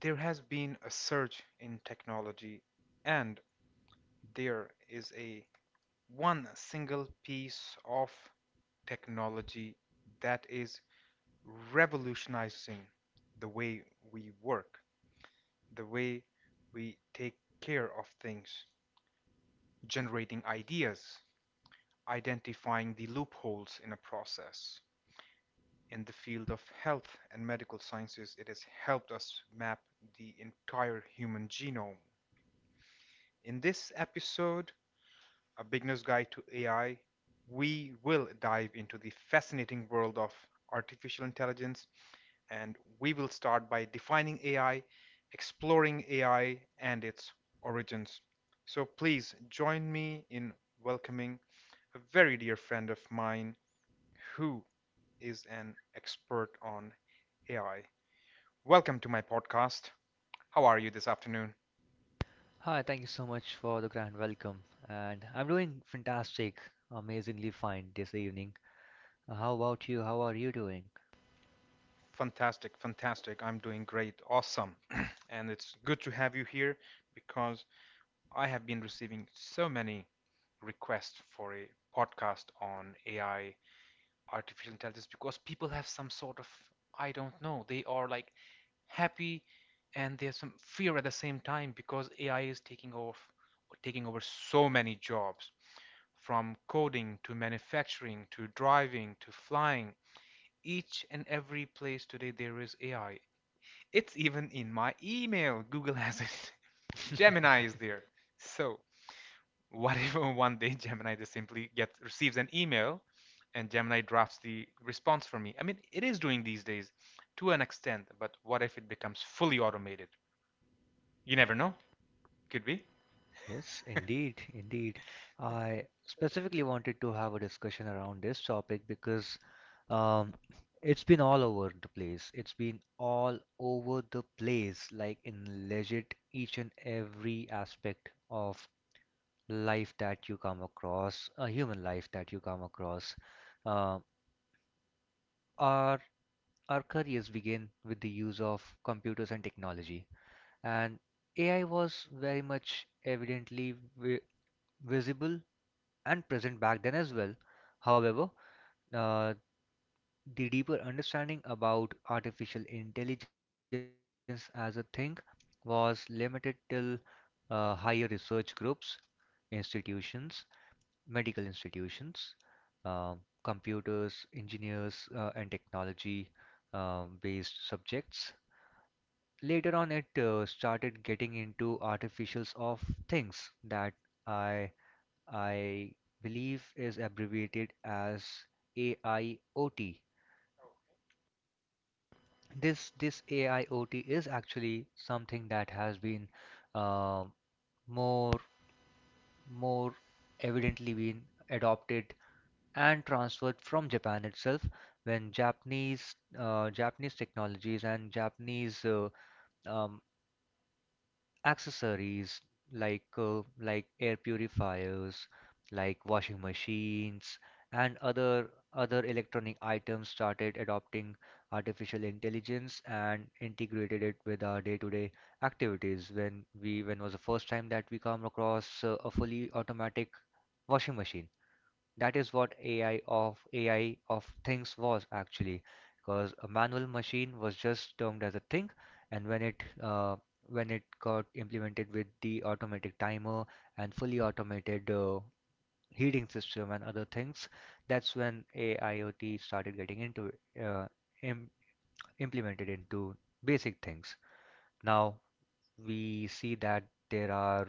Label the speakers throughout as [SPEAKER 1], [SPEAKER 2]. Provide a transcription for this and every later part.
[SPEAKER 1] There has been a surge in technology, and there is a one single piece of technology that is revolutionizing the way we work. The way we take care of things, generating ideas, identifying the loopholes in a process. In the field of health and medical sciences, it has helped us map the entire human genome. In this episode, A Beginner's Guide to AI, we will dive into the fascinating world of artificial intelligence and we will start by defining AI, exploring AI and its origins. So please join me in welcoming a very dear friend of mine who is an expert on AI. Welcome to my podcast. How are you this afternoon?
[SPEAKER 2] Hi, thank you so much for the grand welcome. And I'm doing fantastic, amazingly fine this evening. How about you? How are you doing?
[SPEAKER 1] Fantastic, fantastic. I'm doing great. Awesome. And it's good to have you here because I have been receiving so many requests for a podcast on AI artificial intelligence because people have some sort of I don't know. They are like happy and they have some fear at the same time because AI is taking off taking over so many jobs from coding to manufacturing to driving to flying. Each and every place today there is AI. It's even in my email. Google has it. Gemini is there. So what if one day Gemini just simply gets receives an email and Gemini drafts the response for me? I mean, it is doing these days to an extent, but what if it becomes fully automated? You never know. Could be.
[SPEAKER 2] Yes, indeed, indeed. I specifically wanted to have a discussion around this topic because um, it's been all over the place. It's been all over the place, like in legit each and every aspect of life that you come across, a human life that you come across. Uh, our our careers began with the use of computers and technology, and AI was very much evidently visible and present back then as well. However, uh, the deeper understanding about artificial intelligence as a thing was limited till higher research groups, institutions, medical institutions, um, computers, engineers, and technology based subjects. Later on, it started getting into artificials of things that i I believe is abbreviated as AIoT. This AIoT is actually something that has been uh, more more evidently been adopted and transferred from Japan itself, when Japanese technologies and Japanese um, accessories like air purifiers, like washing machines, and other electronic items started adopting artificial intelligence and integrated it with our day-to-day activities. When was the first time that we come across a fully automatic washing machine? That is what AI of things was actually, because a manual machine was just termed as a thing, and when it got implemented with the automatic timer and fully automated heating system and other things, that's when AIoT started getting into uh, im implemented into basic things. Now we see that there are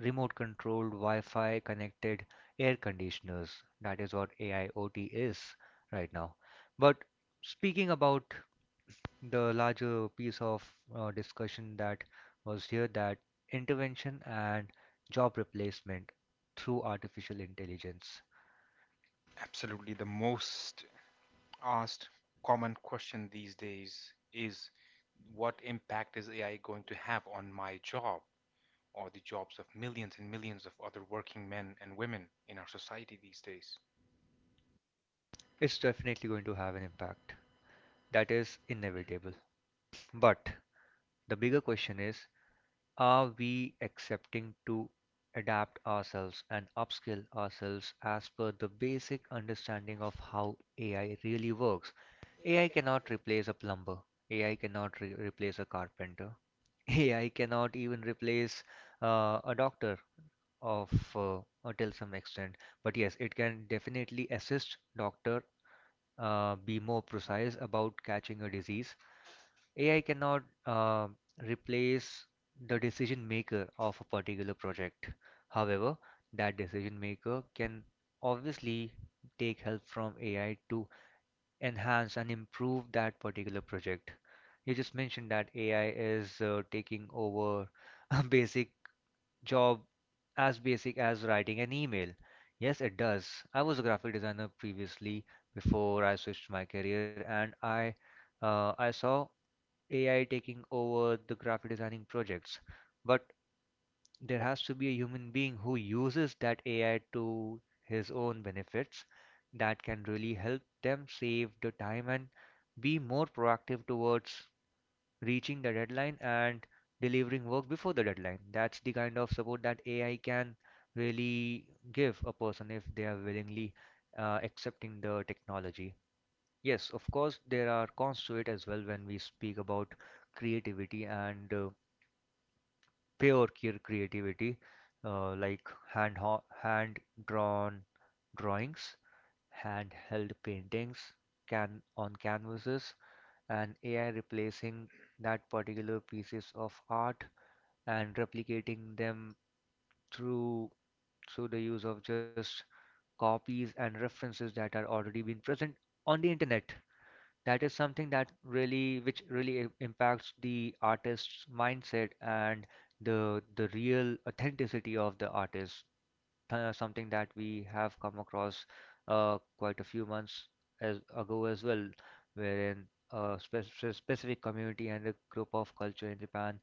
[SPEAKER 2] remote-controlled, Wi-Fi connected air conditioners. That is what AIoT is right now. But speaking about the larger piece of discussion that was here, that intervention and job replacement through artificial intelligence,
[SPEAKER 1] Absolutely. The most asked common question these days is what impact is AI going to have on my job or the jobs of millions and millions of other working men and women in our society these days?
[SPEAKER 2] it's definitely going to have an impact. That is inevitable. But the bigger question is, are we accepting to adapt ourselves and upskill ourselves as per the basic understanding of how AI really works? AI cannot replace a plumber. AI cannot replace a carpenter. AI cannot even replace a doctor of uh, until some extent. But yes, it can definitely assist doctor be more precise about catching a disease. AI cannot replace the decision maker of a particular project. However, that decision maker can obviously take help from AI to enhance and improve that particular project. You just mentioned that AI is taking over basic job as basic as writing an email? Yes, it does. I was a graphic designer previously before I switched my career, and I saw AI taking over the graphic designing projects. But there has to be a human being who uses that AI to his own benefits that can really help them save the time and be more proactive towards reaching the deadline and delivering work before the deadline. That's the kind of support that AI can really give a person if they are willingly accepting the technology. Yes, of course, there are cons to it as well when we speak about creativity and pure creativity, like hand hand drawn drawings, hand held paintings, can on canvases, and AI replacing that particular pieces of art and replicating them through through the use of just copies and references that are already been present on the internet. That is something that really impacts the artist's mindset and the real authenticity of the artist, th something that we have come across quite a few months as ago as well, wherein a specific community and a group of culture in Japan,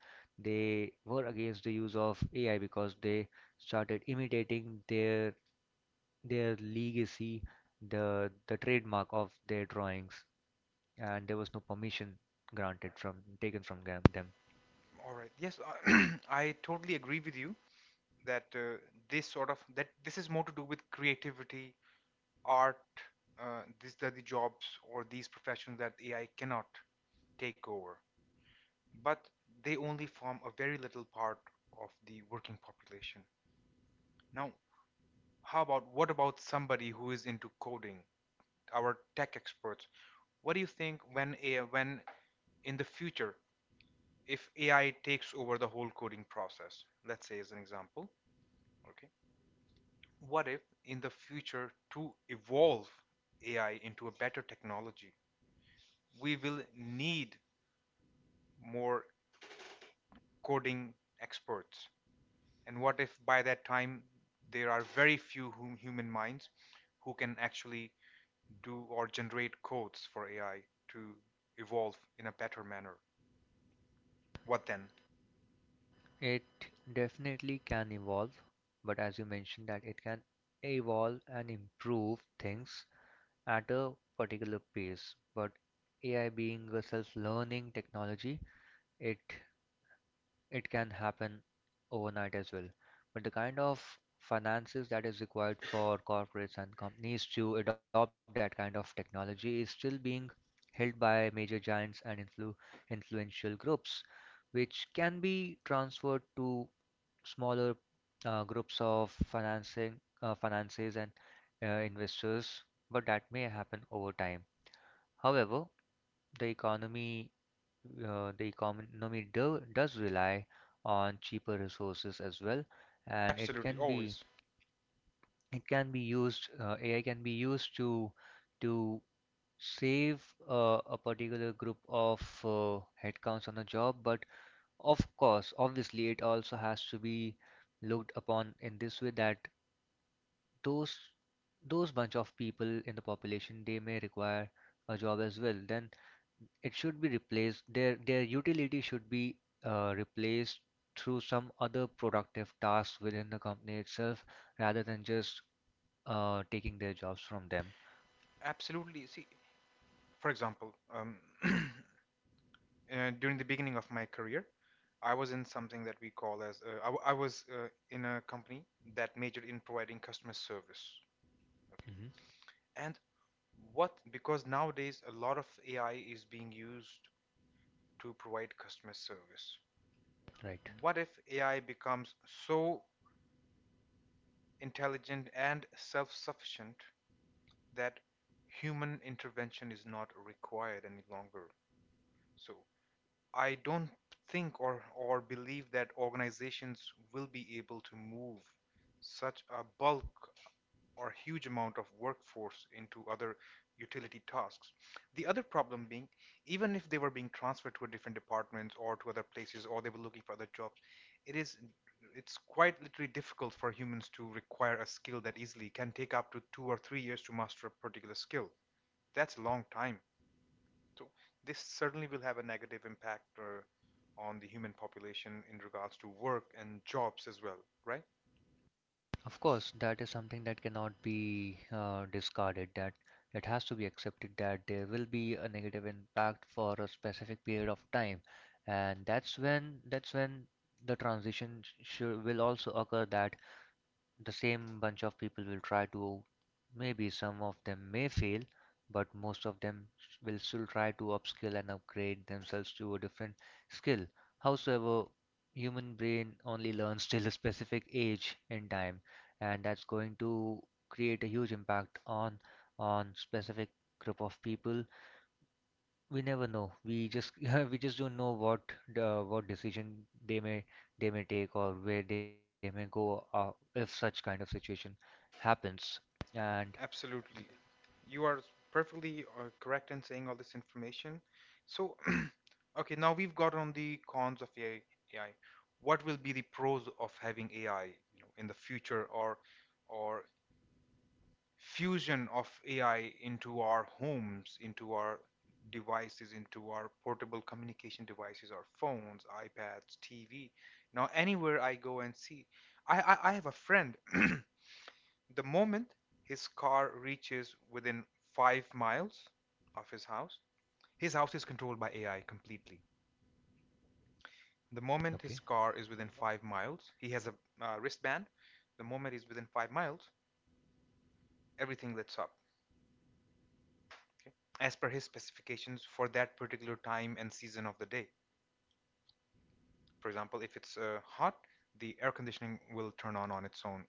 [SPEAKER 2] they were against the use of AI because they started imitating their legacy, the trademark of their drawings, and there was no permission granted from taken from them.
[SPEAKER 1] All right. Yes, I totally agree with you. That this sort of that this is more to do with creativity, art. These are the jobs or these professions that AI cannot take over, but they only form a very little part of the working population. Now, how about what about somebody who is into coding? Our tech experts. What do you think when AI, when in the future, if AI takes over the whole coding process, let's say as an example, okay? What if, in the future, to evolve AI into a better technology, we will need more coding experts? And what if by that time there are very few human minds who can actually do or generate codes for AI to evolve in a better manner? What then?
[SPEAKER 2] It definitely can evolve, but as you mentioned that it can evolve and improve things at a particular pace. But AI being a self-learning technology, it it can happen overnight as well. But the kind of finances that is required for corporates and companies to adopt that kind of technology is still being held by major giants and influential groups, which can be transferred to smaller groups of financing finances and investors, but that may happen over time. However, the economy the economy does rely on cheaper resources as well, and it
[SPEAKER 1] Absolutely,
[SPEAKER 2] can be
[SPEAKER 1] always.
[SPEAKER 2] it can be used. AI can be used to to save a particular group of uh, headcounts on a job, but of course, obviously, it also has to be looked upon in this way that those those bunch of people in the population, they may require a job as well. Then it should be replaced. Their utility should be replaced through some other productive tasks within the company itself rather than just taking their jobs from them.
[SPEAKER 1] Absolutely. See, for example, during the beginning of my career, I was in something that we call as I was in a company that majored in providing customer service. Okay,
[SPEAKER 2] Hmm.
[SPEAKER 1] and what because nowadays a lot of AI is being used to provide customer service.
[SPEAKER 2] Right.
[SPEAKER 1] What if AI becomes so intelligent and self-sufficient that human intervention is not required any longer? So I don't think or believe that organizations will be able to move such a bulk or huge amount of workforce into other utility tasks. The other problem being, even if they were being transferred to a different departments or to other places or they were looking for other jobs, it is it's quite literally difficult for humans to require a skill that easily can take up to 2 or 3 years to master a particular skill. That's a long time. So this certainly will have a negative impact on the human population in regards to work and jobs as well, right?
[SPEAKER 2] Of course, that is something that cannot be discarded, that it has to be accepted that there will be a negative impact for a specific period of time. And that's when the transition sh will also occur, that the same bunch of people will try to, maybe some of them may fail, but most of them will still try to upskill and upgrade themselves to a different skill. Howsoever, human brain only learns till a specific age in time, and that's going to create a huge impact on specific group of people. We never know. We just, yeah, we just don't know what decision they may take or where they may go if such kind of situation happens. And
[SPEAKER 1] Absolutely. You are perfectly correct in saying all this information. So, okay, now we've got on the cons of AI. What will be the pros of having AI, you know, in the future, or fusion of AI into our homes, into our devices, into our portable communication devices, our phones, iPads, TV. Now, anywhere I go and see, I have a friend. The moment his car reaches within 5 miles of his house is controlled by AI completely.
[SPEAKER 2] okay,
[SPEAKER 1] The moment his car is within 5 miles, he has a wristband. The moment he's within 5 miles, everything lights up. As per his specifications for that particular time and season of the day. For example, if it's hot, the air conditioning will turn on its own.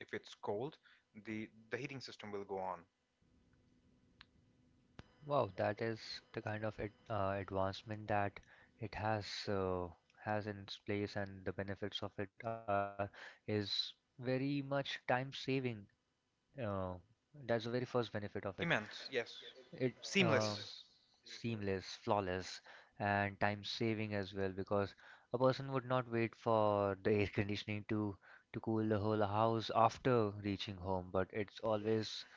[SPEAKER 1] If it's cold, the heating system will go on.
[SPEAKER 2] wow, that is the kind of advancement that it has in its place, and the benefits of it are is very much time saving. Uh, that's the very first benefit of it.
[SPEAKER 1] Immense, yes.
[SPEAKER 2] It uh,
[SPEAKER 1] Seamless,
[SPEAKER 2] seamless, flawless, and time saving as well, because a person would not wait for the air conditioning to cool the whole house after reaching home, but it's always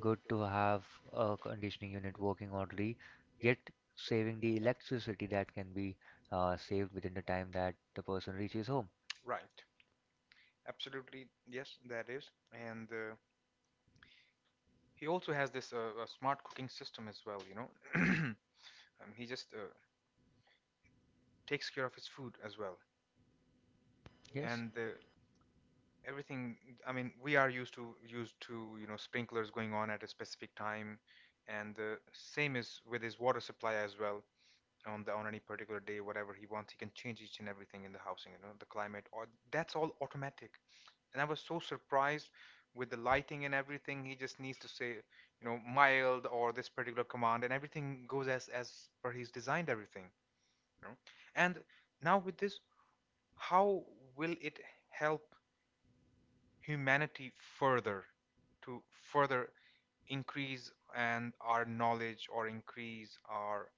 [SPEAKER 2] good to have a conditioning unit working orderly, yet saving the electricity that can be saved within the time that the person reaches home.
[SPEAKER 1] right? Absolutely, yes, that is. And he also has this a smart cooking system as well. You know, um, he just takes care of his food as well.
[SPEAKER 2] Yes.
[SPEAKER 1] And everything I mean we are used to you know sprinklers going on at a specific time, and the same is with his water supply as well on any particular day. Whatever he wants he can change each and everything in the housing, you know, the climate or that's all automatic. And I was so surprised with the lighting and everything. He just needs to say, you know, mild or this particular command and everything goes as per he's designed everything, you know. And now with this, how will it help humanity further to further increase and our knowledge or increase our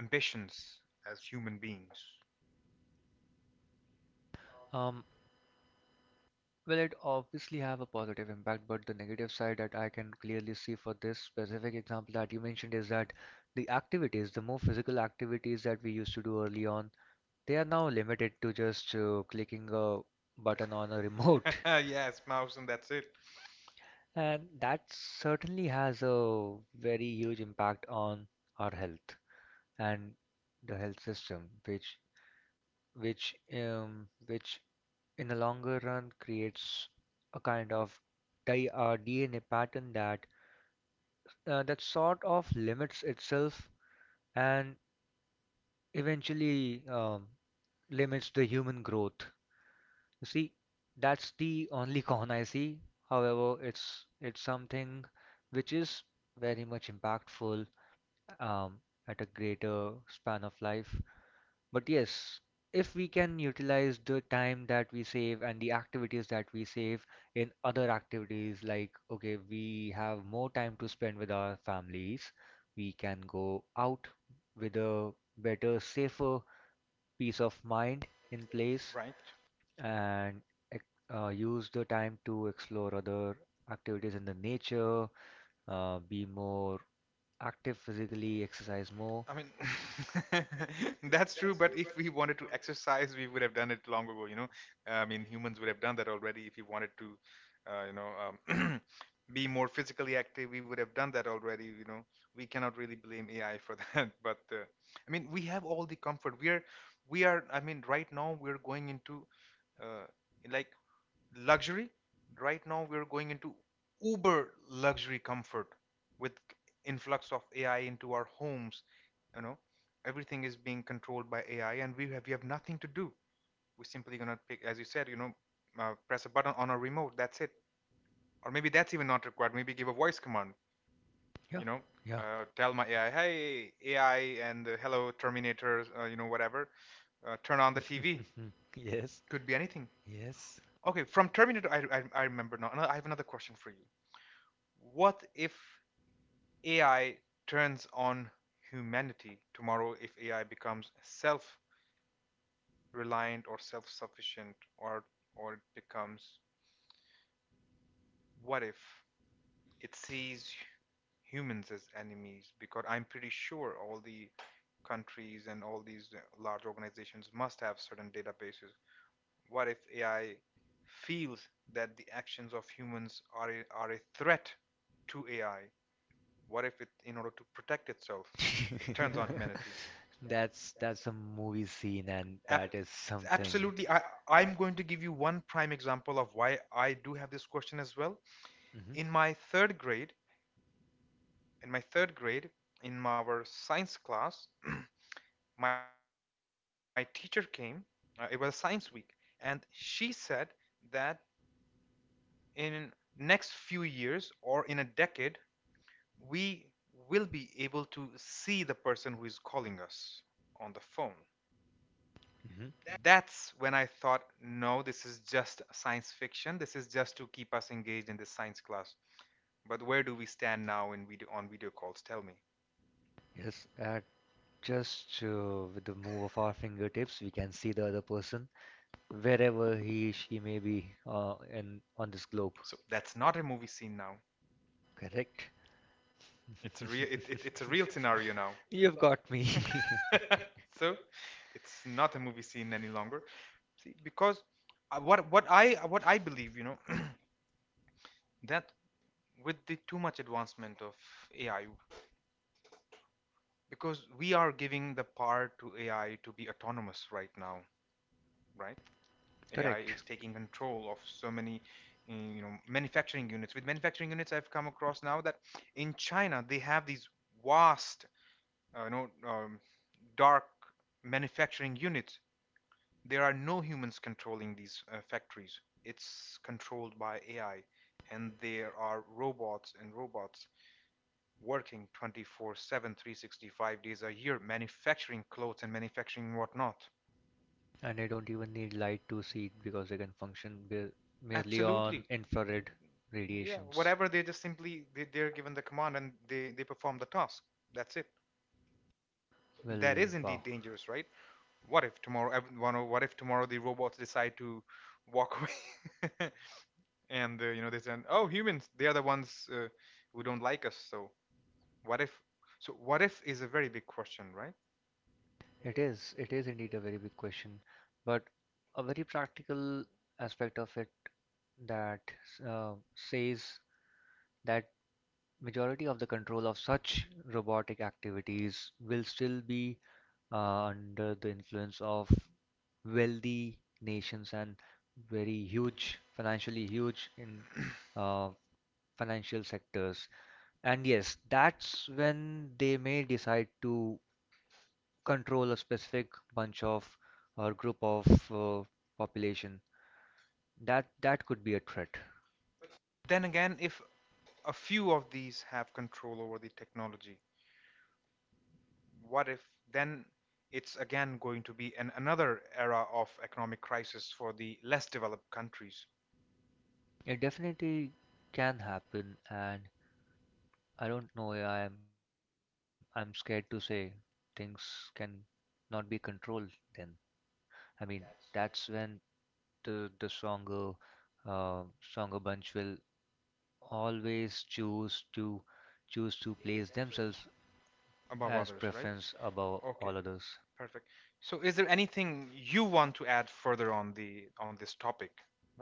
[SPEAKER 1] ambitions as human beings?
[SPEAKER 2] Um, Well, it obviously have a positive impact, but the negative side that I can clearly see for this specific example that you mentioned is that the activities, the more physical activities that we used to do early on, they are now limited to just clicking a button on a remote.
[SPEAKER 1] Yes, Mouse, and that's it,
[SPEAKER 2] And that certainly has a very huge impact on our health and the health system, which which um, which in the longer run creates a kind of DNA pattern that that sort of limits itself and eventually limits the human growth. You see, that's the only con I see. However, it's something which is very much impactful um, at a greater span of life. But yes, if we can utilize the time that we save and the activities that we save in other activities, like, okay, we have more time to spend with our families, we can go out with a better, safer peace of mind in place
[SPEAKER 1] right?
[SPEAKER 2] and ex- use the time to explore other activities in the nature, be more active physically, exercise more.
[SPEAKER 1] I mean, that's true, but if we wanted to exercise, we would have done it long ago, you know. I mean, humans would have done that already if we wanted to, you know, be more physically active, we would have done that already, you know. We cannot really blame AI for that, but I mean, we have all the comfort. I mean, right now we're going into, uh, like luxury. Right now, we're going into uber luxury comfort with influx of AI into our homes. You know, everything is being controlled by AI, and we have nothing to do. We're simply gonna pick, as you said, you know, press a button on a remote. That's it. Or maybe that's even not required. Maybe give a voice command.
[SPEAKER 2] Yeah,
[SPEAKER 1] You know,
[SPEAKER 2] yeah.
[SPEAKER 1] tell my AI, hey AI, and hello Terminator. You know, whatever. Turn on the TV.
[SPEAKER 2] Yes,
[SPEAKER 1] Could be anything.
[SPEAKER 2] yes.
[SPEAKER 1] Okay, from Terminator, I remember now. I have another question for you. What if AI turns on humanity tomorrow if AI becomes self-reliant or self-sufficient or it becomes what if it sees humans as enemies, because I'm pretty sure all the countries and all these large organizations must have certain databases. What if AI feels that the actions of humans are are a threat to AI? What if it, in order to protect itself, it turns on humanity?
[SPEAKER 2] That's a movie scene, and
[SPEAKER 1] Ab-
[SPEAKER 2] that is something.
[SPEAKER 1] absolutely. I'm going to give you one prime example of why I do have this question as well.
[SPEAKER 2] Hmm.
[SPEAKER 1] In my third grade, in my third grade, in our science class, my teacher came. It was a science week, and she said that in next few years or in a decade, we will be able to see the person who is calling us on the phone.
[SPEAKER 2] Hmm.
[SPEAKER 1] That's when I thought, no, this is just science fiction. This is just to keep us engaged in this science class. But where do we stand now in video calls? Tell me.
[SPEAKER 2] Yes, just with the move of our fingertips, we can see the other person wherever he, she may be in on this globe.
[SPEAKER 1] So that's not a movie scene now.
[SPEAKER 2] Correct?
[SPEAKER 1] It's a real it's a real scenario now.
[SPEAKER 2] You've got me.
[SPEAKER 1] You got me. So it's not a movie scene any longer. See, because what I believe, you know, that with the too much advancement of AI, because we are giving the power to AI to be autonomous right now, right? AI
[SPEAKER 2] Correct.
[SPEAKER 1] is taking control of so many, you know, manufacturing units. With manufacturing units, I've come across now that in China they have these vast, you know, dark manufacturing units. There are no humans controlling these factories. It's controlled by AI, and there are robots working 24/7, 365 days a year, manufacturing clothes and manufacturing whatnot.
[SPEAKER 2] And I don't even need light to see it because I can function be merely on
[SPEAKER 1] Absolutely.
[SPEAKER 2] infrared
[SPEAKER 1] Yeah,
[SPEAKER 2] radiations.
[SPEAKER 1] whatever they just simply they're given the command and they perform the task. That's it.
[SPEAKER 2] Well,
[SPEAKER 1] That is
[SPEAKER 2] wow.
[SPEAKER 1] indeed dangerous, right? What if tomorrow everyone, or what if tomorrow the robots decide to walk away, and you know they say, "Oh, humans, they are the ones who don't like us." So what if? So what if is a very big question, right?
[SPEAKER 2] It is. It is indeed a very big question, but a very practical aspect of it that says that majority of the control of such robotic activities will still be under the influence of wealthy nations and very huge, financially huge in uh, financial sectors. And yes, that's when they may decide to control a specific bunch of or group of uh, population that could be a threat.
[SPEAKER 1] Then again, if a few of these have control over the technology, what if then it's again going to be another era of economic crisis for the less developed countries
[SPEAKER 2] It definitely can happen, and I don't know. Yeah, I'm scared to say things can not be controlled. Then I mean that's when the stronger uh, stronger bunch will always choose to place themselves
[SPEAKER 1] above
[SPEAKER 2] as
[SPEAKER 1] others, right?
[SPEAKER 2] preference above
[SPEAKER 1] Okay,
[SPEAKER 2] all others.
[SPEAKER 1] perfect. So, is there anything you want to add further on the on this topic?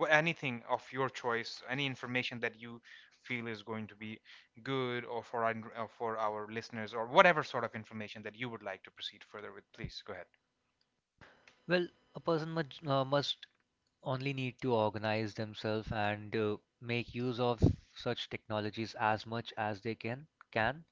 [SPEAKER 1] Anything of your choice, any information that you feel is going to be good or for for our listeners, or whatever sort of information that you would like to proceed further with, please go ahead.
[SPEAKER 2] Well, a person must only need to organize themselves, and make use of such technologies as much as they can,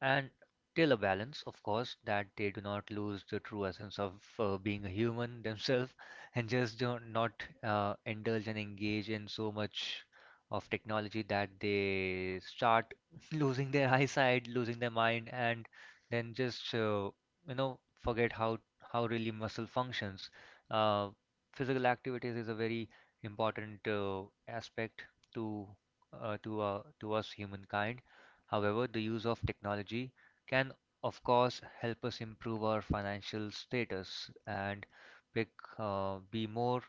[SPEAKER 2] and till a balance, of course, that they do not lose the true essence of being a human themselves, and just don't not indulge and engage in so much of technology that they start losing their eyesight, losing their mind, and then just forget how really muscle functions. Uh, Physical activities is a very important aspect to to us humankind. However, the use of technology can, of course, help us improve our financial status and pick, uh, be more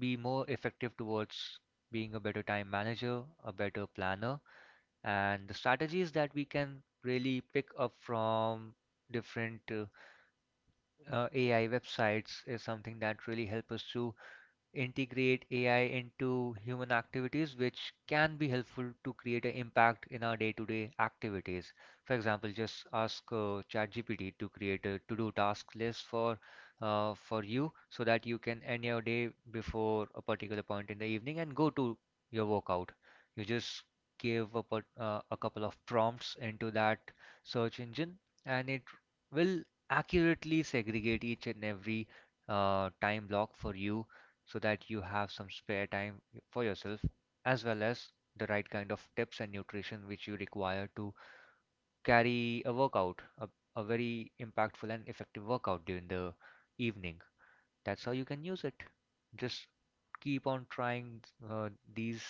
[SPEAKER 2] be more effective towards being a better time manager, a better planner, and the strategies that we can really pick up from different AI websites is something that really help us to integrate AI into human activities, which can be helpful to create an impact in our day-to-day activities. For example, just ask ChatGPT to create a to-do task list for you so that you can end your day before a particular point in the evening and go to your workout. You just give a, a couple of prompts into that search engine, and it will accurately segregate each and every time block for you so that you have some spare time for yourself, as well as the right kind of tips and nutrition which you require to carry a very impactful and effective workout during the evening. That's how you can use it. Just keep on trying uh, these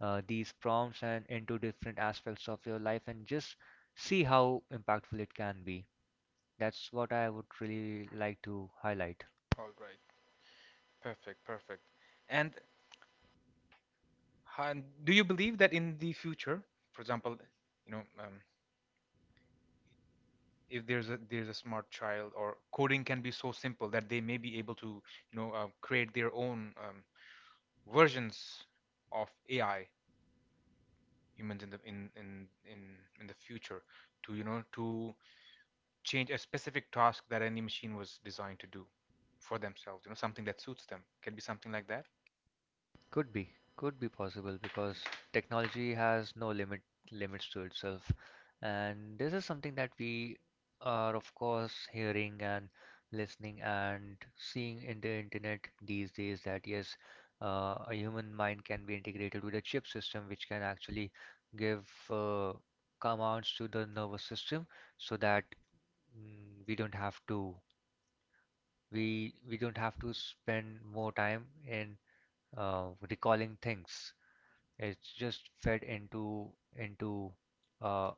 [SPEAKER 2] these prompts and into different aspects of your life and just see how impactful it can be. That's what I would really like to highlight.
[SPEAKER 1] All right, perfect. And And do you believe that in the future, for example, you know, um, if there's a smart child, or coding can be so simple that they may be able to, create their own versions of AI humans in the future to, to change a specific task that any machine was designed to do for themselves, you know, something that suits them. Can be something like that.
[SPEAKER 2] Could be, could be possible because technology has no limits to itself. And this is something that we are of course hearing and listening and seeing in the internet these days, that yes, a human mind can be integrated with a chip system which can actually give commands to the nervous system so that mm, we don't have to we don't have to spend more time in recalling things. It's just fed into into uh,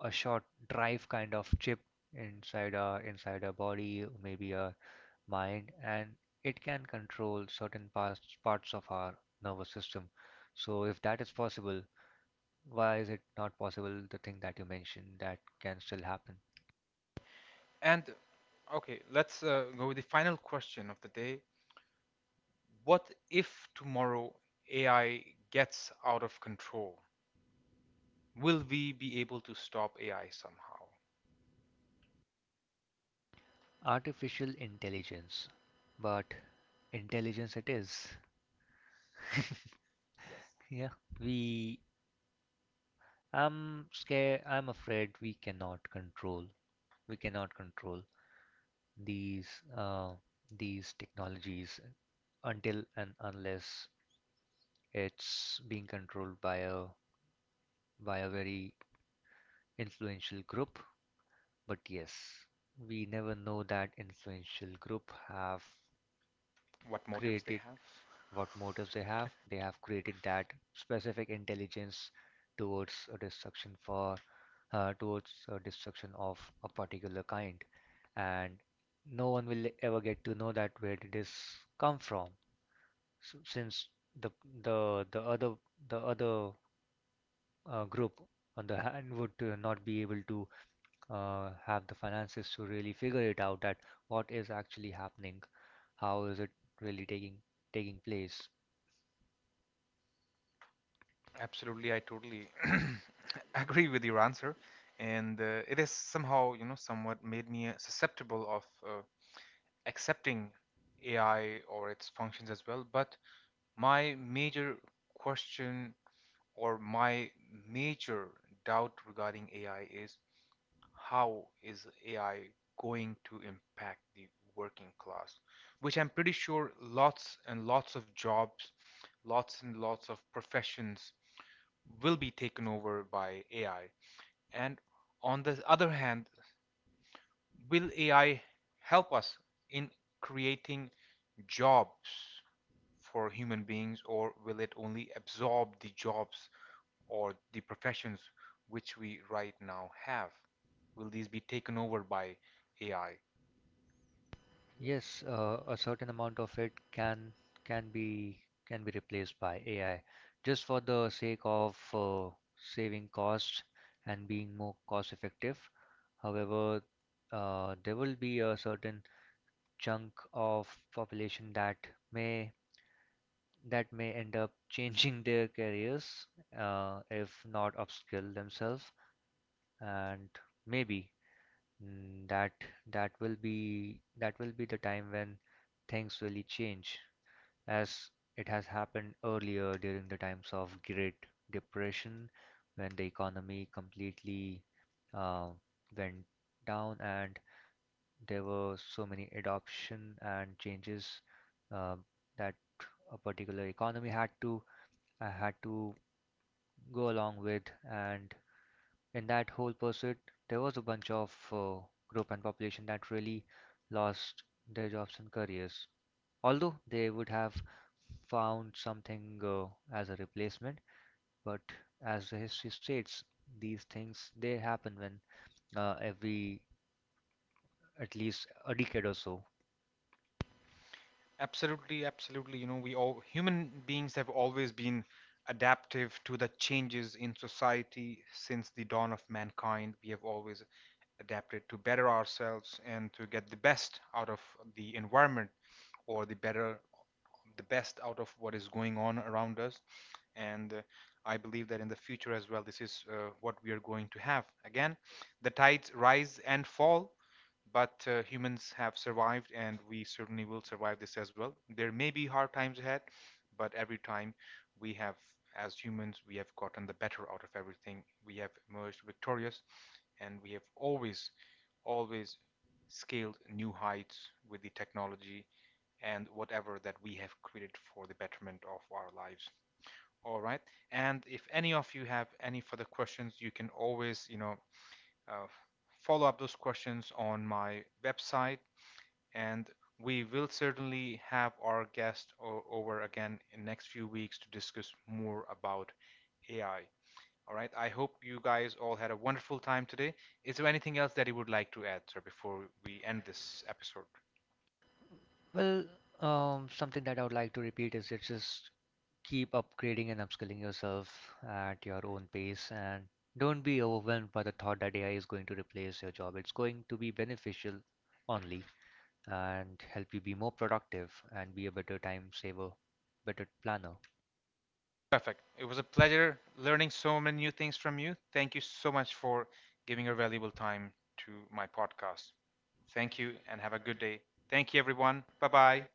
[SPEAKER 2] a short drive kind of chip inside our body, maybe our mind, and it can control certain parts of our nervous system. So if that is possible, why is it not possible the thing that you mentioned that can still happen?
[SPEAKER 1] And okay, let's go with the final question of the day. What if tomorrow AI gets out of control? Will we be able to stop AI somehow?
[SPEAKER 2] Artificial intelligence, but intelligence it is. Yeah, we. I'm scared. I'm afraid we cannot control, we cannot control these uh, these technologies, until and unless it's being controlled by a very influential group. But yes, we never know that influential group have
[SPEAKER 1] What motives they
[SPEAKER 2] created,
[SPEAKER 1] have?
[SPEAKER 2] what motives they have. They have created that specific intelligence towards a destruction for towards a destruction of a particular kind, and no one will ever get to know that where did this come from, S since the the the other the other group on the hand would not be able to have the finances to really figure it out that what is actually happening, how is it really taking place.
[SPEAKER 1] Absolutely, I totally agree with your answer, and it has somehow, you know, somewhat made me susceptible of accepting AI or its functions as well. But my major question, or my major doubt regarding AI is, how is AI going to impact the working class? Which I'm pretty sure lots and lots of jobs, lots and lots of professions will be taken over by AI. And on the other hand, will AI help us in creating jobs for human beings, or will it only absorb the jobs or the professions which we right now have? Will these be taken over by AI?
[SPEAKER 2] Yes, a certain amount of it can be can be replaced by AI just for the sake of saving costs and being more cost effective. However, there will be a certain chunk of population may that may end up changing their careers, if not upskill themselves, and maybe that that will be the time when things really change, as it has happened earlier during the times of Great Depression, when the economy completely uh, went down, and there were so many adoption and changes uh, that a particular economy had to uh, had to go along with. And in that whole pursuit there was a bunch of group and population that really lost their jobs and careers, although they would have found something as a replacement. But as the history states, these things they happen when every at least a decade or so.
[SPEAKER 1] Absolutely, absolutely. You know, we all human beings have always been adaptive to the changes in society since the dawn of mankind. We have always adapted to better ourselves and to get the best out of the environment, or the best out of what is going on around us. And I believe that in the future as well, this is what we are going to have. Again, the tides rise and fall, but humans have survived, and we certainly will survive this as well. There may be hard times ahead, but every time we have, as humans, we have gotten the better out of everything. We have emerged victorious, and we have always scaled new heights with the technology and whatever that we have created for the betterment of our lives. All right, and if any of you have any further questions, you can always, uh, follow up those questions on my website, and we will certainly have our guest over again in the next few weeks to discuss more about AI. All right. I hope you guys all had a wonderful time today. Is there anything else that you would like to add, sir, before we end this episode?
[SPEAKER 2] Well, something that I would like to repeat is, it's just keep upgrading and upskilling yourself at your own pace, and don't be overwhelmed by the thought that AI is going to replace your job. It's going to be beneficial only, and help you be more productive and be a better time saver, better planner.
[SPEAKER 1] Perfect. It was a pleasure learning so many new things from you. Thank you so much for giving your valuable time to my podcast. Thank you and have a good day. Thank you, everyone. Bye bye.